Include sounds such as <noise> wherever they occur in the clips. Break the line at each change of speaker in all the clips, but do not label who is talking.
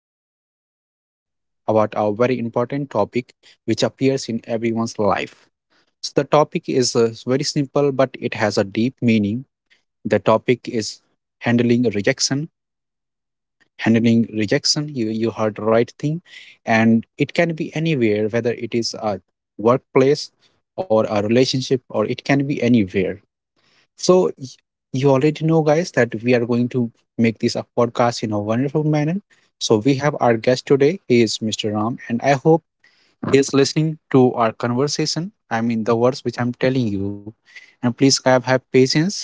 we are going to discuss about our very important topic, which appears in everyone's life. So the topic is very simple, but it has a deep meaning. The topic is handling rejection. Handling rejection. You heard the right thing, and it can be anywhere, whether it is a workplace or a relationship, or it can be anywhere. So y- you already know, guys, that we are going to make this a podcast in a wonderful manner. So we have our guest today. He is Mr. Ram, and I hope he is listening to our conversation. I mean the words which I'm telling you, and please, guys, have patience.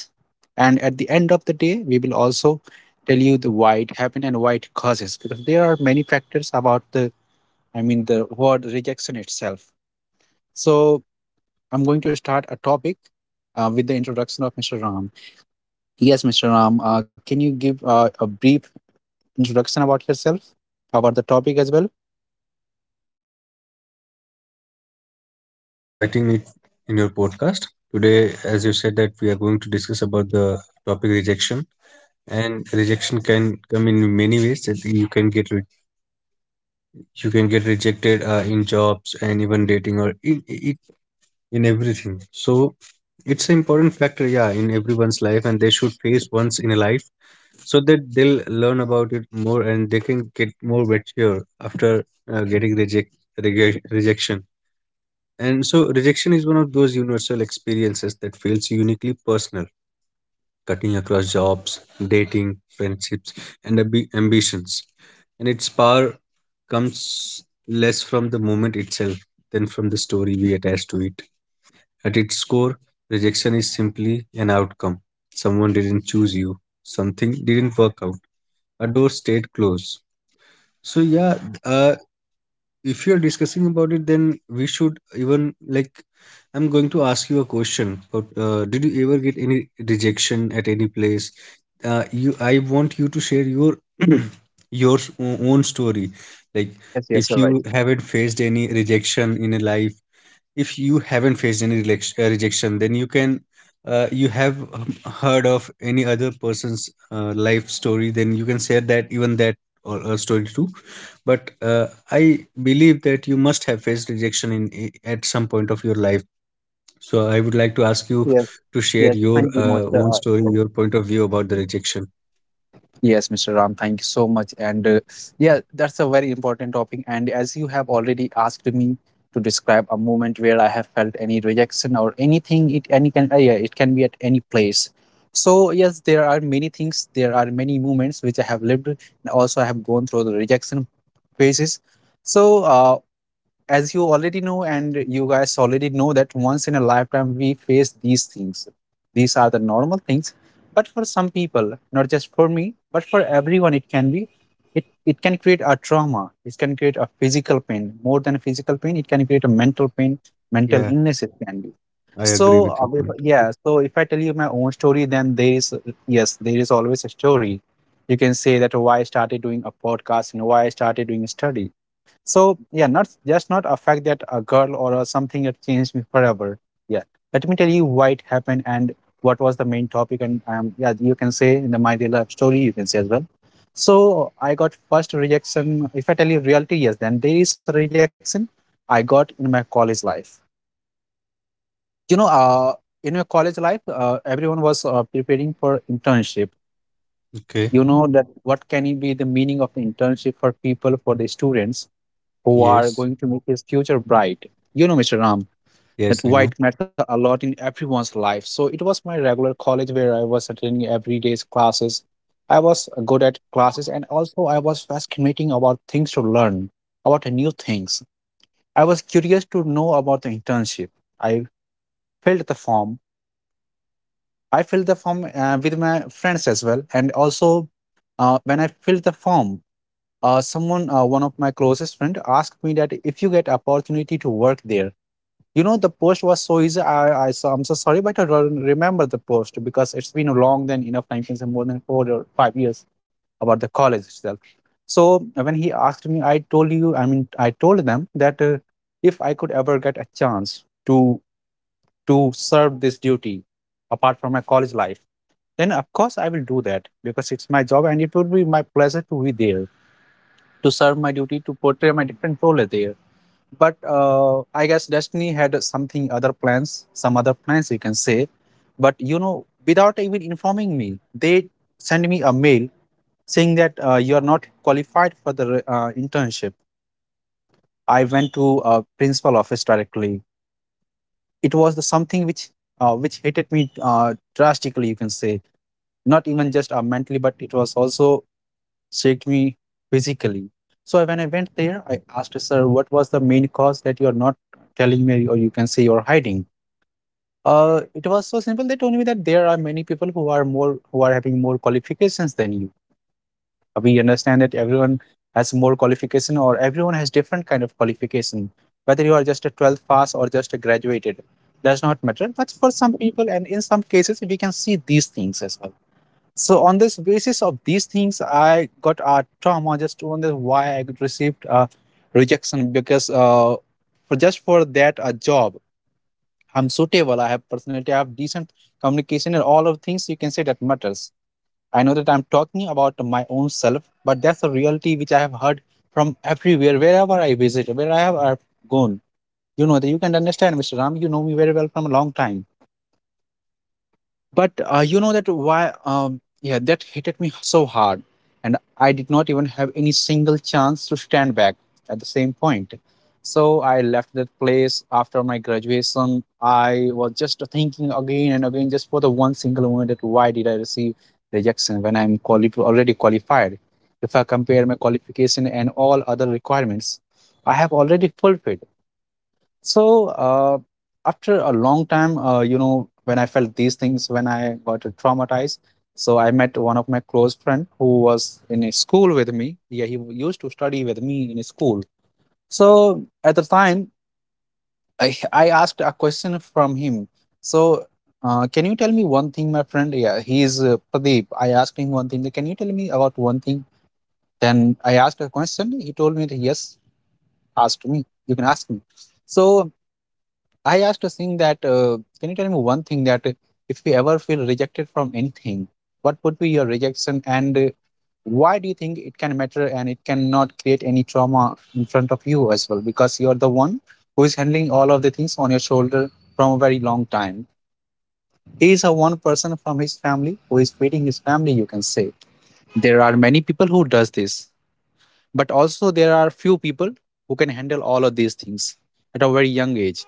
And at the end of the day, we will also tell you the why it happened and why it causes, because there are many factors about I mean, the word rejection itself. So I'm going to start a topic with the introduction of Mr. Ram. Yes, Mr. Ram, can you give a brief introduction about yourself, about the topic as well?
Uh, Thank you, Prashant, for inviting me in your podcast. Today, as you said, that we are going to discuss about the topic rejection. And rejection can come in many ways. That you can you can get rejected in jobs and even dating or in in everything. So it's an important factor, yeah, in everyone's life, and they should face once in a life so that they'll learn about it more and they can get more mature after uh, getting reject, rejection. And so rejection is one of those universal experiences that feels uniquely personal, cutting across jobs, dating, friendships, and ambitions. And its power comes less from the moment itself than from the story we attach to it. At its core, rejection is simply an outcome. Someone didn't choose you, something didn't work out, a door stayed closed. So, yeah, uh, if you're discussing about it, then we should even like I'm going to ask you a question. But did you ever get any rejection at any place? You I want you to share your <clears throat> your own story. Like,
Yes, yes, you're
if
right.
you haven't faced any rejection in a life, if you haven't faced any rejection, then you can you have heard of any other person's life story, then you can share that, even that or a story too. But I believe that you must have faced rejection at some point of your life, so I would like to ask
Yes,
you
yes,
to share
yes.
your
Thank you,
own story, your point of view about the rejection.
Yes, Mr. Ram, thank you so much. And yeah, that's a very important topic. And as you have already asked me to describe a moment where I have felt any rejection or anything, it any can yeah, it can be at any place. So yes, there are many things. There are many moments which I have lived. And also, I have gone through the rejection phases. So. Uh, as you already know and you guys already know that once in a lifetime we face these things, these are the normal things, but for some people, not just for me but for everyone, it can be, it can create a trauma, it can create a physical pain, more than a physical pain it can create a mental pain, mental
Yeah,
illness it can be.
I agree
So
with your
if,
point.
yeah, so if I tell you my own story, then there is, yes, there is always a story. You can say that, "Oh, why I started doing a podcast and why I started doing a study?" So yeah, not just not a fact that a girl or a something that changed me forever. Yeah, let me tell you why it happened and what was the main topic. And yeah, you can say in the my Dear life story, you can say as well. So I got first rejection. If I tell you reality, yes, then there is a rejection I got in my college life. You know, in my college life, everyone was preparing for internship.
Okay.
You know that what can it be the meaning of the internship for people, for the students who are
Yes,
going to make his future bright. You know, Mr. Ram,
yes,
that
I know.
white matter a lot in everyone's life. So it was my regular college where I was attending every day's classes. I was good at classes and also I was fascinating about things to learn, about new things. I was curious to know about the internship. I filled the form. I filled the form with my friends as well. And also, when I filled the form, one of my closest friend, asked me that if you get opportunity to work there. You know, the post was so easy. I'm so sorry, but I don't remember the post because it's been a long than enough time since more than 4 or 5 years about the college itself. So when he asked me, I told you, I mean, I told them that if I could ever get a chance to serve this duty apart from my college life, then of course I will do that because it's my job and it would be my pleasure to be there, to serve my duty, to portray my different role there. But I guess destiny had something other plans, some other plans you can say. But you know, without even informing me, they sent me a mail saying that you are not qualified for the internship. I went to principal office directly. It was the something which hit at me drastically, you can say, not even just mentally, but it was also shaked me physically. So when I went there, I asked sir, what was the main cause that you are not telling me, or you can say you're hiding? It was so simple. They told me that there are many people who are more who are having more qualifications than you. We understand that everyone has more qualification, or everyone has different kind of qualification. Whether you are just a 12th pass or just a graduated, does not matter. But for some people, and in some cases, we can see these things as well. So on this basis of these things, I got a trauma just on the why I received a rejection. Because for just for that a job, I'm suitable. I have personality. I have decent communication and all of things, you can say, that matters. I know that I'm talking about my own self, but that's a reality which I have heard from everywhere, wherever I visit, where I have gone. You know that you can understand, Mr. Ram. You know me very well from a long time. But you know that why? Yeah, that hit at me so hard, and I did not even have any single chance to stand back at the same point. So I left that place after my graduation. I was just thinking again and again, just for the one single moment that why did I receive rejection when I'm already qualified? If I compare my qualification and all other requirements, I have already fulfilled. So after a long time, you know, when I felt these things, when I got traumatized, so I met one of my close friend who was in a school with me. Yeah, he used to study with me in a school. So at the time, I asked a question from him. So can you tell me one thing, my friend? Yeah, he is Pradeep. I asked him one thing. Can you tell me about one thing? Then I asked a question. He told me that yes, asked me, you can ask me. So I asked a thing that can you tell me one thing that if you ever feel rejected from anything, what would be your rejection and why do you think it can matter and it cannot create any trauma in front of you as well? Because you're the one who is handling all of the things on your shoulder from a very long time. He is a one person from his family who is feeding his family, you can say. There are many people who does this, but also there are few people who can handle all of these things at a very young age.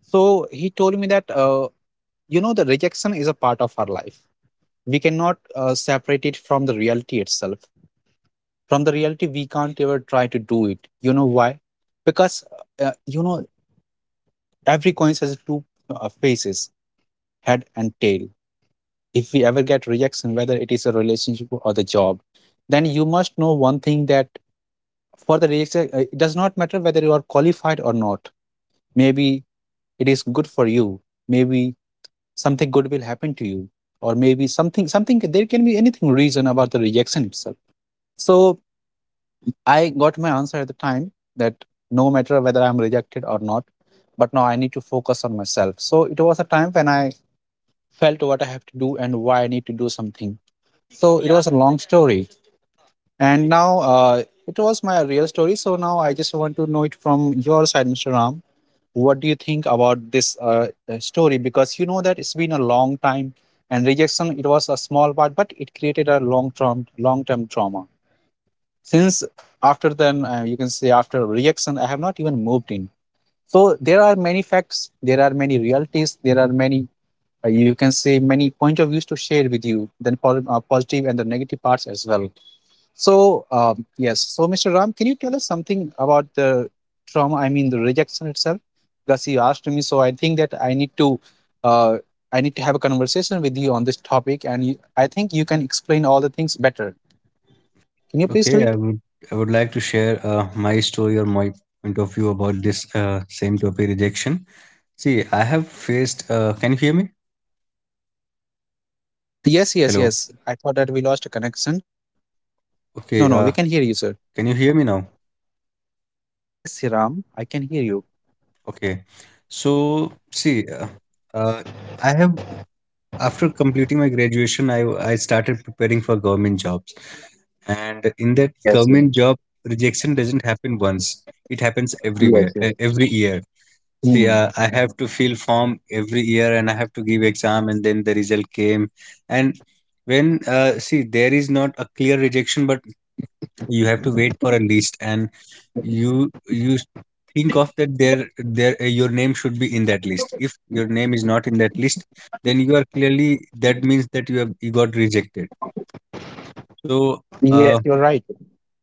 So he told me that you know, the rejection is a part of our life. We cannot separate it from the reality itself. From the reality, we can't ever try to do it. You know why? Because, you know, every coin has two faces, head and tail. If we ever get rejection, whether it is a relationship or the job, then you must know one thing that for the rejection, it does not matter whether you are qualified or not. Maybe it is good for you. Maybe something good will happen to you, or maybe something there can be anything reason about the rejection itself. So I got my answer at the time, that no matter whether I'm rejected or not, but now I need to focus on myself. So it was a time when I felt what I have to do and why I need to do something. So it was a long story, and now it was my real story. So now I just want to know it from your side, Mr. Ram. What do you think about this story? Because you know that it's been a long time, and rejection it was a small part, but it created a long term trauma. Since after then, you can say after rejection, I have not even moved in. So there are many facts, there are many realities, there are many, you can say, many point of views to share with you. Then positive and the negative parts as well. So, yes. So, Mr. Ram, can you tell us something about the trauma? I mean, the rejection itself. Because you asked me, so I think that uh, I need to have a conversation with you on this topic, and I think you can explain all the things better. Can you please do
Okay,
it?
I would, I would like to share my story or my point of view about this same topic, rejection. See, I have faced. Can you hear me?
Yes, yes,
Hello.
yes. I thought that we lost a connection. No, no, we can hear you,
Okay.
sir.
Can you hear me now?
Yes, Ram, I can hear you.
Okay. So see, uh, I have after completing my graduation, I started preparing for government jobs, and in that
Yes,
government
yes,
job, rejection doesn't happen once. It happens
yes,
everywhere,
yes.
every year. See,
Hmm.
I have to fill form every year, and I have to give exam, and then the result came. And when, see, there is not a clear rejection, but you have to wait for a list, and you think of that there your name should be in that list. If your name is not in that list, then you are clearly, that means that you got rejected. So
Yes,
uh,
you're right.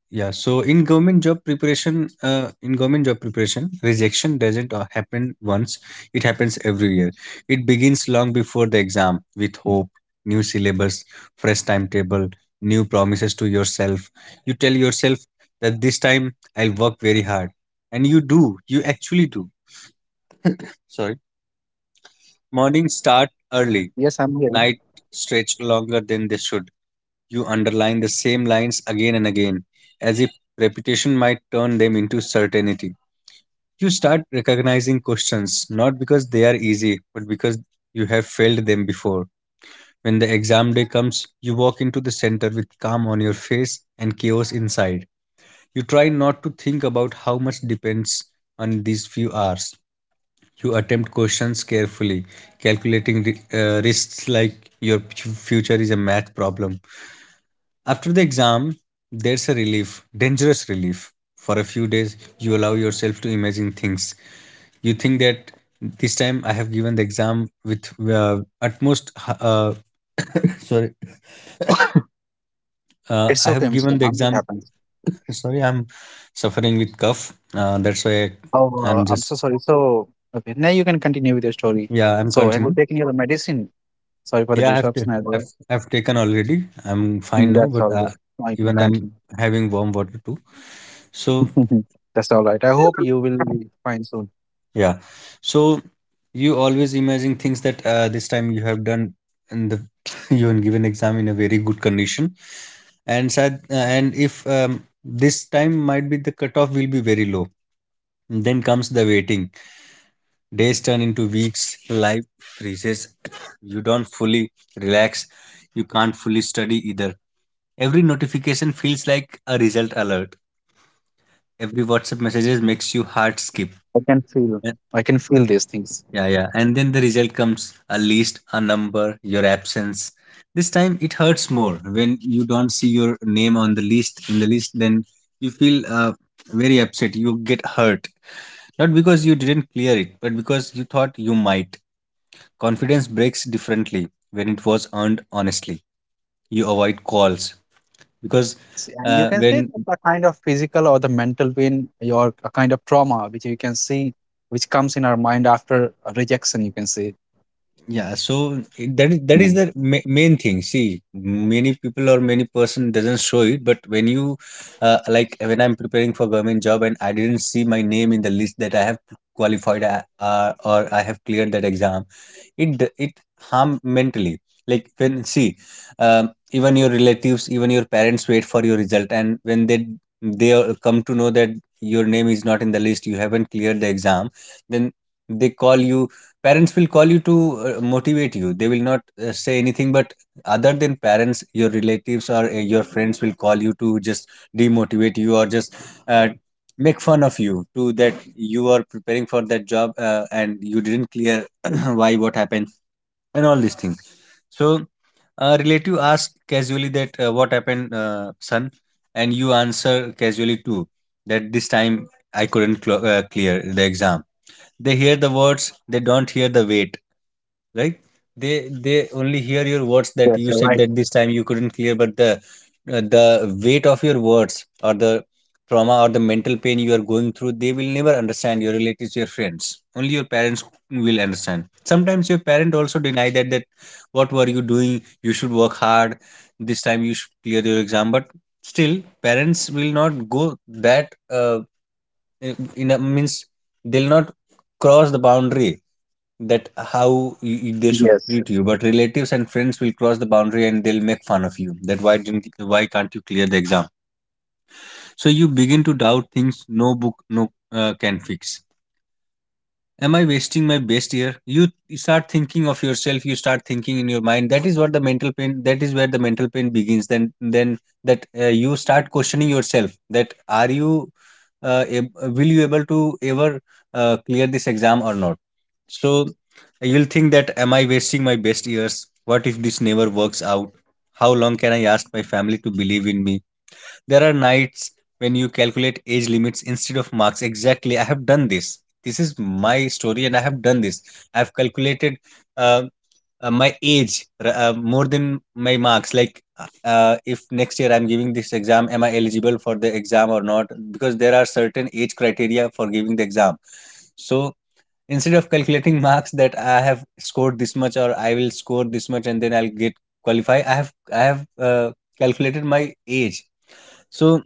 yeah, so in government job preparation, rejection doesn't happen once, it happens every year. It begins long before the exam with hope, new syllabus, fresh timetable, new promises to yourself. You tell yourself that this time I'll work very hard. And you do, you actually do. Sorry. Morning start
Yes,
early,
yes, I'm here.
night stretch longer than they should. You underline the same lines again and again, as if repetition might turn them into certainty. You start recognizing questions not because they are easy, but because you have failed them before. When the exam day comes, you walk into the center with calm on your face and chaos inside. You try not to think about how much depends on these few hours. You attempt questions carefully, calculating the, risks like your future is a math problem. After the exam, there's a relief, dangerous relief. For a few days, you allow yourself to imagine things. You think that this time I have given the exam with uh, utmost. Uh, sorry,
It's
I
okay,
have
Mr.
given the
Ram. It
exam.
happens.
Sorry, I'm suffering with cough. That's why
Oh,
I'm
I'm so
just.
sorry. So, okay, now you can continue with your story.
Yeah, I'm
So, have you
continuing.
taken your medicine? Sorry for the
Yeah, I have to.
disruption as well.
I've taken already. I'm fine
Mm,
now,
that's
but
all good. I can
even I'm
continue.
having warm water too. So
<laughs> That's all right. I hope you will be fine soon.
yeah. So you always imagine things that this time you have done in the <laughs> you have given exam in a very good condition, and sad and if this time might be the cutoff will be very low. Then comes the waiting. Days turn into weeks. Life freezes. <coughs> You don't fully relax. You can't fully study either. Every notification feels like a result alert. Every WhatsApp messages makes you heart skip.
I can feel. I can feel these things.
Yeah. And then the result comes, a list, a number, your absence. This time it hurts more when you don't see your name on the list. In the list, then you feel very upset. You get hurt. Not because you didn't clear it, but because you thought you might. Confidence breaks differently when it was earned honestly. You avoid calls because
Yes, and you can say
when
that a kind of physical or the mental pain, or a kind of trauma, which you can see, which comes in our mind after a rejection. You can say.
yeah, so that is
Mm.
the main thing. See, many people or many person doesn't show it, but when you like when I'm preparing for government job and I didn't see my name in the list that I have qualified or I have cleared that exam, it harm mentally. Like when, see, even your relatives, even your parents wait for your result, and when they come to know that your name is not in the list, you haven't cleared the exam, then they call you, parents will call you to motivate you. They will not say anything. But other than parents, your relatives or your friends will call you to just demotivate you or just uh, make fun of you, to that you are preparing for that job and you didn't clear <clears throat> why, what happened, and all these things. So a relative asked casually that what happened, son. And you answer casually too that this time I couldn't clear the exam. They hear the words, they don't hear the weight, right? They they only hear your words that
Yes,
you
you're
said
right.
that this time you couldn't clear. But the weight of your words or the trauma or the mental pain you are going through, they will never understand, your relatives, your friends. Only your parents will understand. Sometimes your parent also deny that, that what were you doing, you should work hard, this time you should clear your exam. But still, parents will not go that in a means, they'll not cross the boundary that how they should
Yes.
treat you. But relatives and friends will cross the boundary, and they'll make fun of you that why didn't, why can't you clear the exam. So you begin to doubt things. No book, no can fix. Am I wasting my best year? You start thinking of yourself, you start thinking in your mind. That is what the mental pain, that is where the mental pain begins. Then that you start questioning yourself that are you will you able to ever clear this exam or not. So you'll think that am I wasting my best years, what if this never works out, how long can I ask my family to believe in me. There are nights when you calculate age limits instead of marks. Exactly, I have done this. This is my story, and I have done this. I've calculated uh, my age more than my marks. Like, if next year I'm giving this exam, am I eligible for the exam or not? Because there are certain age criteria for giving the exam. So
I
instead of
think
calculating <laughs>
we
marks
lost
that I
you.
have scored
Are you
this
there,
much
Mr.
or I
Ram?
will score this much and then I'll
Am
get
I audible
qualify,
or can you hear
I
me
have
about anything? I mean,
calculated my
can you hear me?
age. So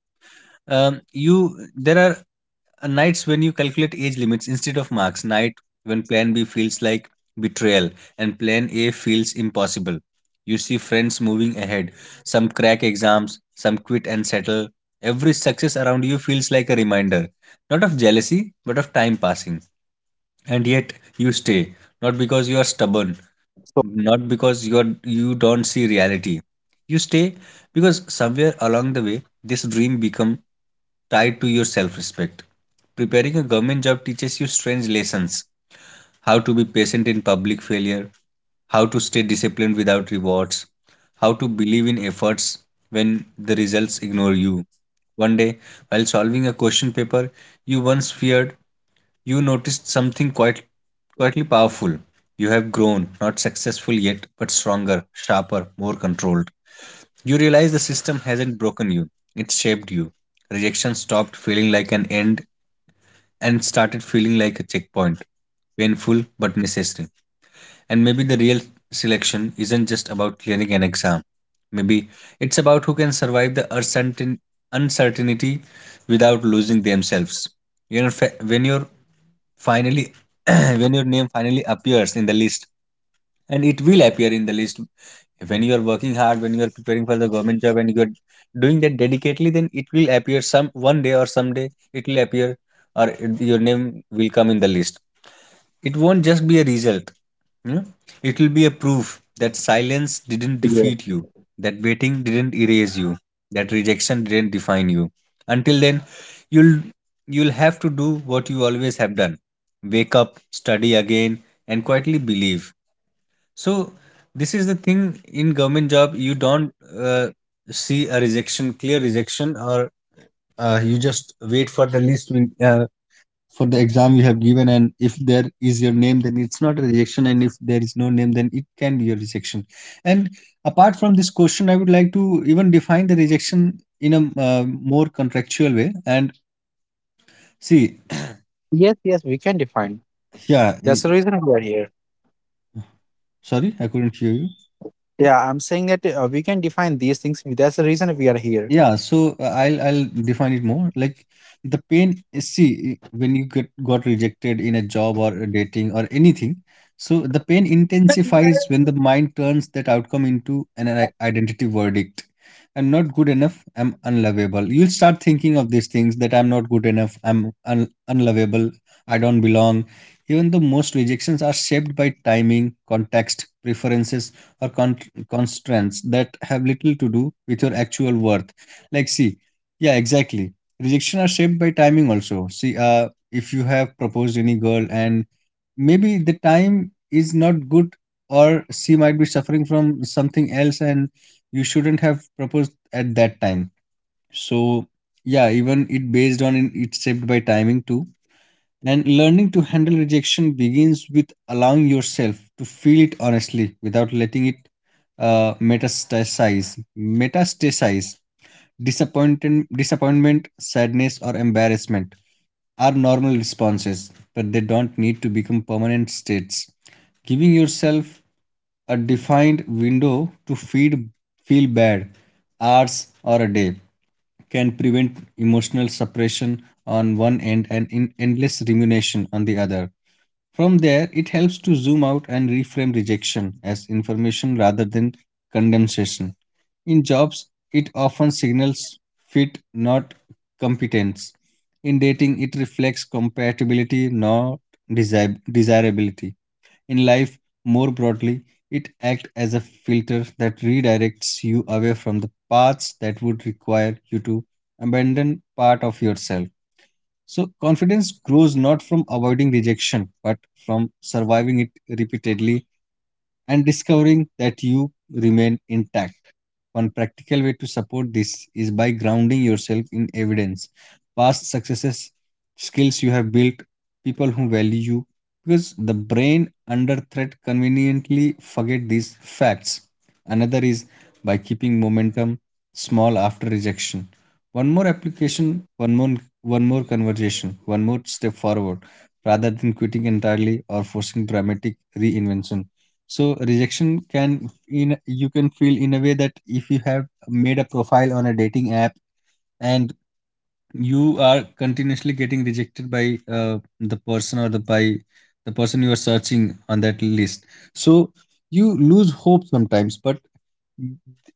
I think, guys, we lost
you,
him,
there
or
are
maybe he is just
nights when you
facing
calculate age limits
network
instead of
issues.
marks, night when plan B
I hope
feels like
he is
betrayal
already joining. I
and
mean
plan
he
A
is in the
feels
call. I mean
impossible.
he's in the
You
podcast.
see friends
So
moving
we won't
ahead,
lose him,
some
don't worry.
crack exams,
We'll see
some
him
quit
again.
and settle.
So you can connect it
Every
with me,
success
as you
around
know
you
that he
feels
is
like a
sharing his
reminder,
real story
not
and
of
that's a very,
jealousy, but of
you
time
know,
passing.
fascinating thing to know
And yet
that he
you
has
stay,
faced such
not because
things
you are stubborn,
in this life. So,
not
oh, can
because
you
you
hear
are,
me?
you don't see reality. You
Mhm.
stay because somewhere along the way this dream become tied to your self-respect. Preparing a government job teaches you strange lessons: how to be patient in public failure, how to stay disciplined without rewards, how to believe in efforts when the results ignore you. One day, while solving a question paper you once feared, you noticed something quite, quietly powerful. You have grown, not successful yet, but stronger, sharper, more controlled. You realize the system hasn't broken you, it shaped you. Rejection stopped feeling like an end and started feeling like a checkpoint, painful but necessary. And maybe the real selection isn't just about clearing an exam. Maybe it's about who can survive the uncertainty without losing themselves. When you're finally <clears throat> when your name finally appears in the list, and it will appear in the list. When you are working hard, when you are preparing for the government job and you are doing that dedicatedly, then it will appear some one day or someday it will appear, or your name will come in the list. It won't just be a result, you know? It will be a proof that silence didn't
Yeah.
defeat you, that waiting didn't erase you, that rejection didn't define you. Until then, you'll you'll have to do what you always have done. Wake up, study again, and quietly believe. So this is the thing, in government job you don't see a rejection, clear rejection, or you just wait for the for the exam you have given, and if there is your name then it's not a rejection, and if there is no name then it can be a rejection. And apart from this question I would like to even define the rejection in a uh, more contractual way and see.
Yes, yes, we can define.
yeah
That's the
e-
reason we are here.
Sorry, I couldn't hear you.
Yeah, I'm saying that we can define these things. That's the reason we are here.
Yeah, so I'll define it more. Like the pain is, see, when you get got rejected in a job or a dating or anything. So the pain intensifies when the mind turns that outcome into an identity verdict. I'm not good enough. I'm unlovable. You'll start thinking of these things that I'm not good enough. I'm unlovable. I don't belong. Even though most rejections are shaped by timing, context, preferences, or constraints that have little to do with your actual worth. Like see, yeah, exactly, rejection are shaped by timing also, see, uh, if you have proposed any girl and maybe the time is not good, or she might be suffering from something else and you shouldn't have proposed at that time. So yeah, even it based on it's shaped by timing too. And learning to handle rejection begins with allowing yourself to feel it honestly without letting it uh, metastasize metastasize. Disappointment, sadness, or embarrassment are normal responses, but they don't need to become permanent states. Giving yourself a defined window to feel bad, hours or a day, can prevent emotional suppression on one end and in endless rumination on the other. From there, it helps to zoom out and reframe rejection as information rather than condemnation. In jobs, it often signals fit, not competence. In dating, it reflects compatibility, not desirability. In life, more broadly, it acts as a filter that redirects you away from the paths that would require you to abandon part of yourself. So, confidence grows not from avoiding rejection, but from surviving it repeatedly and discovering that you remain intact. One practical way to support this is by grounding yourself in evidence, past successes, skills you have built, people who value you, because the brain under threat conveniently forget these facts. Another is by keeping momentum small after rejection. One more application, one more conversation, one more step forward, rather than quitting entirely or forcing dramatic reinvention. So rejection can in you can feel in a way that if you have made a profile on a dating app and you are continuously getting rejected by the person, or the person you are searching on that list. So you lose hope sometimes, but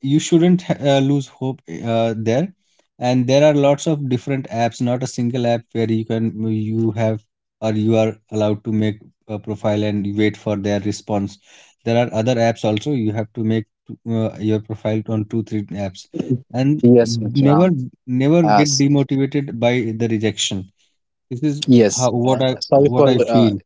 you shouldn't lose hope. There And there are lots of different apps, not a single app where you can you have or you are allowed to make a profile and you wait for their response. There are other apps also, you have to make your profile on two three apps. And
Yes, Mr.
never
Ram.
never get
As
demotivated by the rejection. This is
yes.
how
Sorry
what
for
I feel.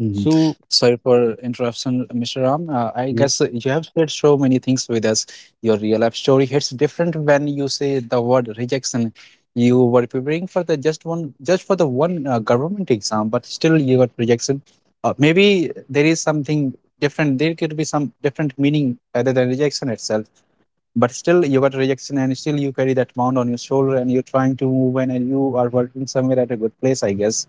mhm.
So
Sorry for interruption, Mr. Ram. I guess
yes.
you have shared so many things with us. Your real life story hits different when you say the word rejection. You were preparing for the just one, just for the one government exam, but still you got rejection. Maybe there is something different. There could be some different meaning rather than rejection itself. But still you got rejection, and still you carry that mound on your shoulder, and you're trying to move in, and you are working somewhere at a good place, I guess.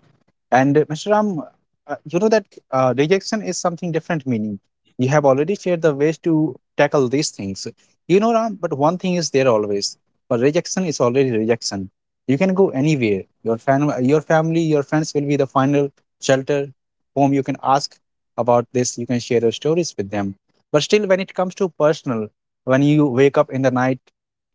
And Mr. Ram, you know that rejection is something different meaning. You have already shared the ways to tackle these things. You know, Ram, but one thing is there always. But rejection is already rejection. You can go anywhere. Your your family, your friends will be the final shelter, whom you can ask about this. You can share your stories with them. But still, when it comes to personal, when you wake up in the night,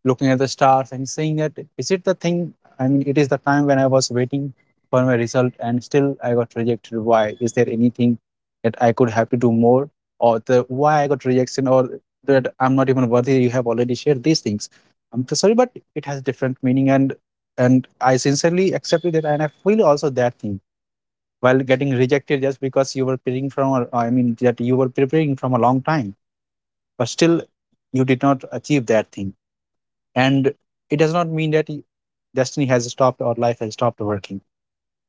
looking at the stars and saying that, is it the thing? I mean, it is the time when I was waiting for my result and still I got rejected. Why? Is there anything that I could have to do more? Or the why I got rejection, or that I'm not even worthy, you have already shared these things. I'm so sorry, but it has different meaning. And I sincerely accepted that, and I feel also that thing while getting rejected just because you were preparing from, or I mean that you were preparing from a long time, but still you did not achieve that thing. And it does not mean that destiny has stopped or life has stopped working.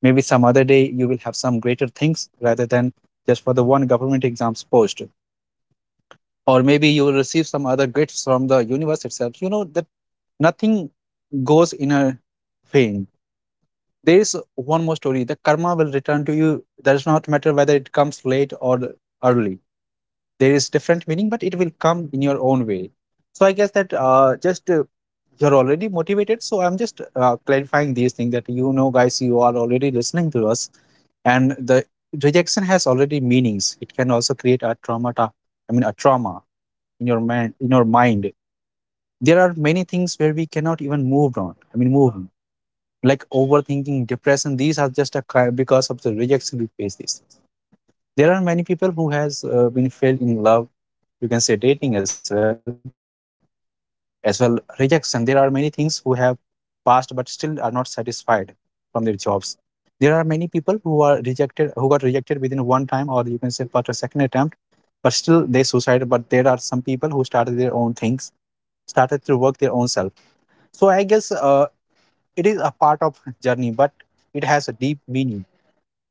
Maybe some other day you will have some greater things rather than just for the one government exams post. Or maybe you will receive some other gifts from the universe itself. You know that nothing goes in a vain. There is one more story. The karma will return to you. Does not matter whether it comes late or early. There is different meaning, but it will come in your own way. So I guess that just you're already motivated, so I'm just clarifying these things, that you know, guys, you are already listening to us, and the rejection has already meanings. It can also create a trauma, I mean a trauma in your mind, in your mind. There are many things where we cannot even move on, I mean move on, like overthinking, depression. These are just a because of the rejection we face these things. There are many people who has been failed in love, you can say dating as well as well, rejection. There are many things who have passed but still are not satisfied from their jobs. There are many people who are rejected, who got rejected within one time, or you can say after second attempt, but still they suicide. But there are some people who started their own things, started to work their own self. So I guess it is a part of journey, but it has a deep meaning.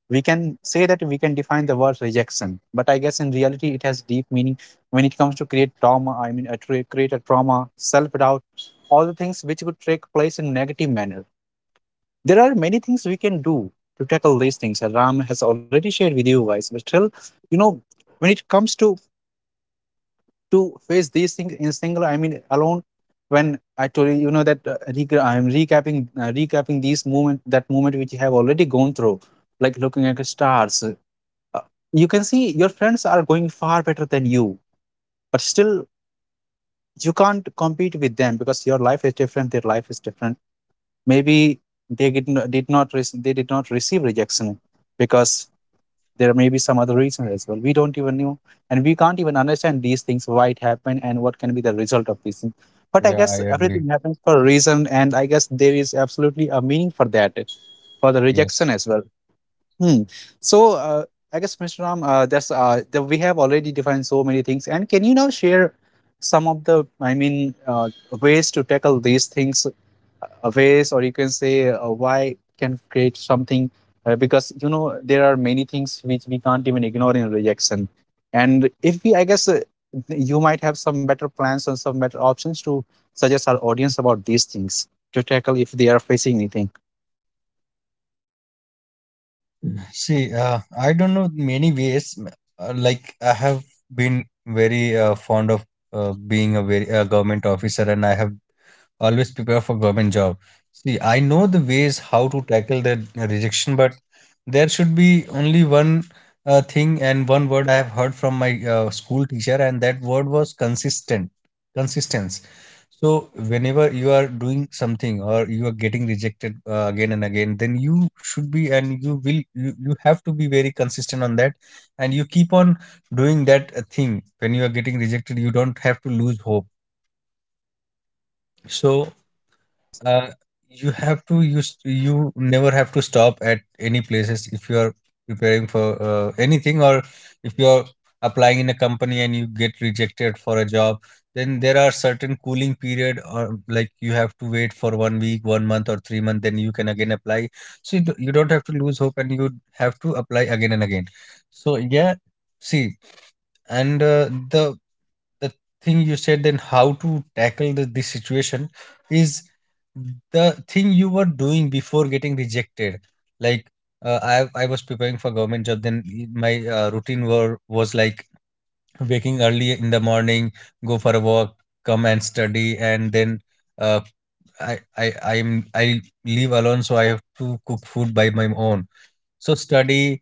We can say that we can define the word rejection, but I guess in reality it has deep meaning when it comes to create trauma, I mean a create a trauma, self-doubt, all the things which could take place in negative manner. There are many things we can do to tackle these things, and Ram has already shared with you guys, but still, you know, when it comes to to face these things in single, I mean alone, when I told you, you know that I'm recapping, recapping these moment, that moment which you have already gone through, like looking at the stars, uh, you can see your friends are going far better than you, but still you can't compete with them because your life is different, their life is different. Maybe they did not they did not receive rejection because there may be some other reason as well, we don't even know. And we can't even understand these things, why it happened and what can be the result of these things. But I
Yeah, I
guess
agree.
everything happens for a reason, and I guess there is absolutely a meaning for that, for the
Yes.
rejection as well. Hmm. So, I guess, Mr. Ram, we have already defined so many things. And can you now share some of the, I mean, ways to tackle these things, ways, or you can say, why can create something? Because you know there are many things which we can't even ignore in rejection. And if we, I guess, you might have some better plans and some better options to suggest our audience about these things to tackle if they are facing anything.
See, I don't know many ways. Like I have been very fond of being a very government officer, and I have always prepare for government job. See, I know the ways how to tackle that rejection, but there should be only one thing, and one word I have heard from my school teacher, and that word was consistent consistency. So whenever you are doing something or you are getting rejected again and again, then you should be and you will you have to be very consistent on that, and you keep on doing that thing. When you are getting rejected, you don't have to lose hope. So,
Yes.
uh, you never have to stop at any places if you are preparing for anything, or if you are applying in a company and you get rejected for a job, then there are certain cooling period, or like you have to wait for one week, one month, or three month, then you can again apply. So you don't have to lose hope and you have to apply again and again. So yeah, see. And the thing you said then, how to tackle this situation is the thing you were doing before getting rejected. Like, I was preparing for government job, then my routine were was like waking early in the morning, go for a walk, come and study, and then, uh, I live alone, so I have to cook food by my own. So study,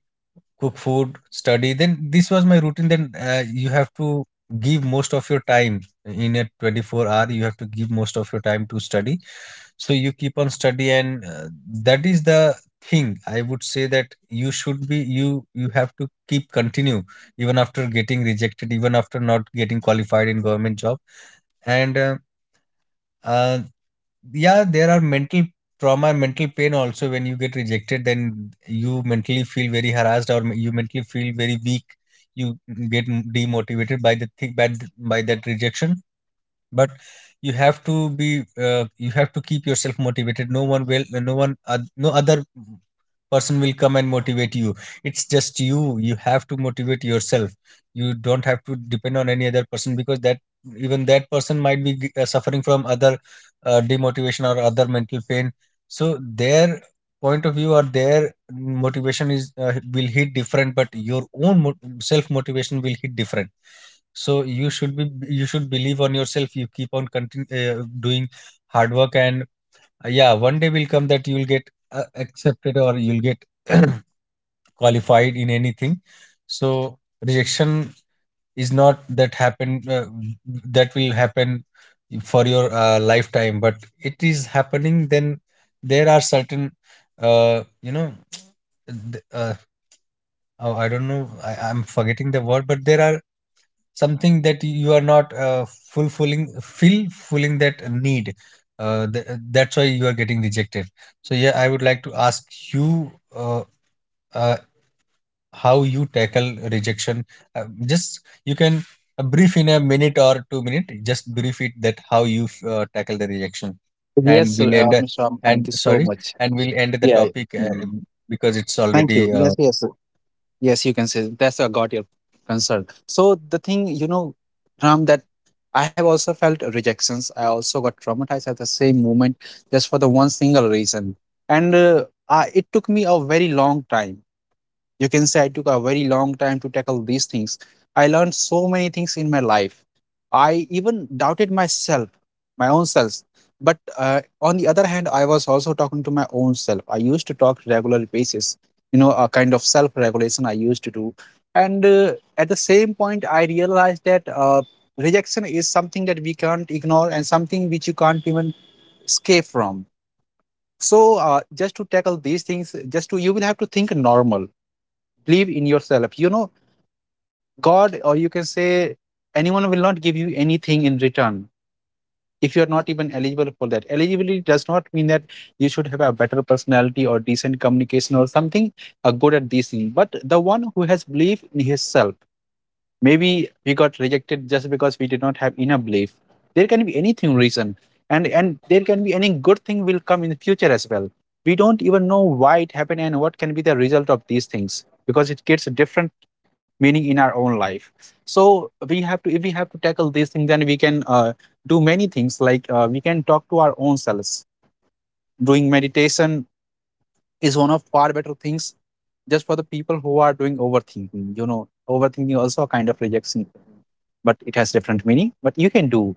cook food, study, then this was my routine. Then, you have to give most of your time in a 24 hour, you have to give most of your time to study. So you keep on study, and that is the thing I would say, that you should be you have to keep continue even after getting rejected, even after not getting qualified in government job. And, uh, yeah, there are mental trauma, mental pain also. When you get rejected, then you mentally feel very harassed, or you mentally feel very weak. You get demotivated by the thing, by that rejection. But you have to be, you have to keep yourself motivated. No one will no other person will come and motivate you. It's just you, you have to motivate yourself. You don't have to depend on any other person, because that, even that person might be suffering from other demotivation or other mental pain. So their point of view or their motivation is, will hit different, but your own self motivation will hit different. So you should be, you should believe on yourself, you keep on doing hard work, and, yeah, one day will come that you will get, accepted or you'll get <clears throat> qualified in anything. So rejection is not that happen that will happen for your, lifetime, but it is happening. Then there are certain, you know, th- uh, oh, I don't know, I'm forgetting the word, but there are something that you are not, fulfilling that need, that's why you are getting rejected. So yeah, I would like to ask you, uh, how you tackle rejection. Uh, just you can, brief in a minute or two minute, just brief it that how you, tackle the rejection, and
Yes,
we'll end,
Mr. Ram,
and
thank you so
sorry,
much.
and we'll end the
Yeah, yeah.
topic,
Mm.
because it's
Thank
already,
you. Yes, yes. Yes, you can say that's a got your concern. So the thing, you know, Ram, that I have also felt rejections. I also got traumatized at the same moment just for the one single reason. And I, it took me a very long time. You can say I took a very long time to tackle these things. I learned so many things in my life. I even doubted myself, my own self. But on the other hand, I was also talking to my own self. I used to talk regular basis, you know, a kind of self-regulation I used to do. And at the same point, I realized that rejection is something that we can't ignore and something which you can't even escape from. So just to tackle these things, just to, you will have to think normal, believe in yourself. You know, God, or you can say anyone will not give you anything in return if you are not even eligible for that. Eligibility does not mean that you should have a better personality or decent communication or something good at these things. But the one who has belief in himself, maybe we got rejected just because we did not have enough belief. There can be anything reason, and there can be any good thing will come in the future as well. We don't even know why it happened and what can be the result of these things because it gets different meaning in our own life. So we have to, if we have to tackle these things, then we can do many things, like we can talk to our own selves, doing meditation is one of far better things, just for the people who are doing overthinking. You know, overthinking also a kind of rejection, but it has different meaning. But you can do,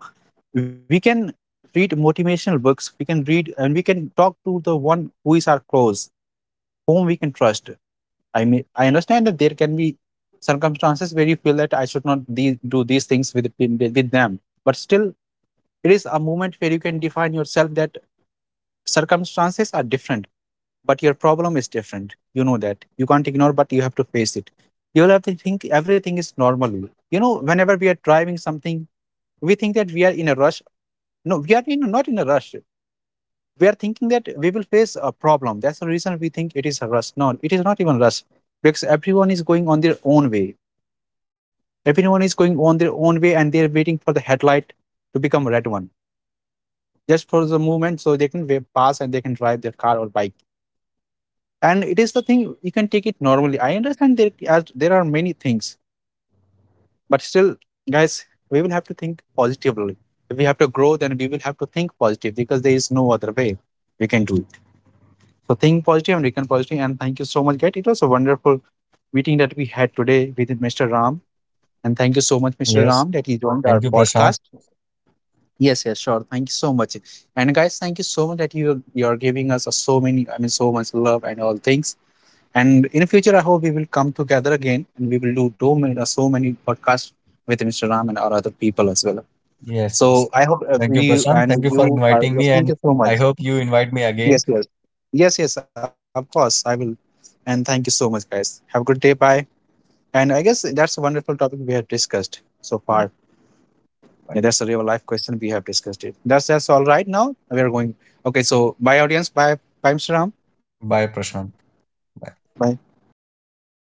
we can read motivational books, we can read, and we can talk to the one who is our close, whom we can trust. I mean, I understand that there can be circumstances where you feel that I should not do these things with them, but still, it is a moment where you can define yourself that circumstances are different, but your problem is different. You know that you can't ignore, but you have to face it. You'll have to think everything is normal. You know, whenever we are driving something, we think that we are in a rush. No, we are in not in a rush. We are thinking that we will face a problem. That's the reason we think it is a rush. No, it is not even rush because everyone is going on their own way. Everyone is going on their own way, and they're waiting for the headlight to become a red one just for the movement, so they can pass and they can drive their car or bike. And it is the thing you can take it normally. I understand there as there are many things, but still, guys, we will have to think positively. If we have to grow, then we will have to think positive because there is no other way we can do it. So think positive and reckon positive. And thank you so much, guys. It was a wonderful meeting that we had today with Mr. Ram. And thank you so much, Mr.
yes.
Ram, that he joined
Thank
our
you, Prashant.
podcast. Yes, yes, sure. Thank you so much. And guys, thank you so much that you're giving us a so many, I mean, so much love and all things. And in future, I hope we will come together again, and we will do so many, so many podcasts with Mr. Ram and our other people as well.
Yes, yes.
So I hope if
Thank you,
you
Prashant.
and
Thank you for
you are
inviting me,
yes,
and
thank you so
I
much.
hope you invite me again.
Yes, yes. Yes, yes, of course. I will. And thank you so much, guys. Have a good day. Bye. And I guess that's a wonderful topic we have discussed so far.
Yeah. Bye.
Yeah, that's a real life question. We have discussed it. That's all right now. We are going. Okay, so bye, audience. Bye, bye, Mr. Ram.
Bye, Prashant.
Bye.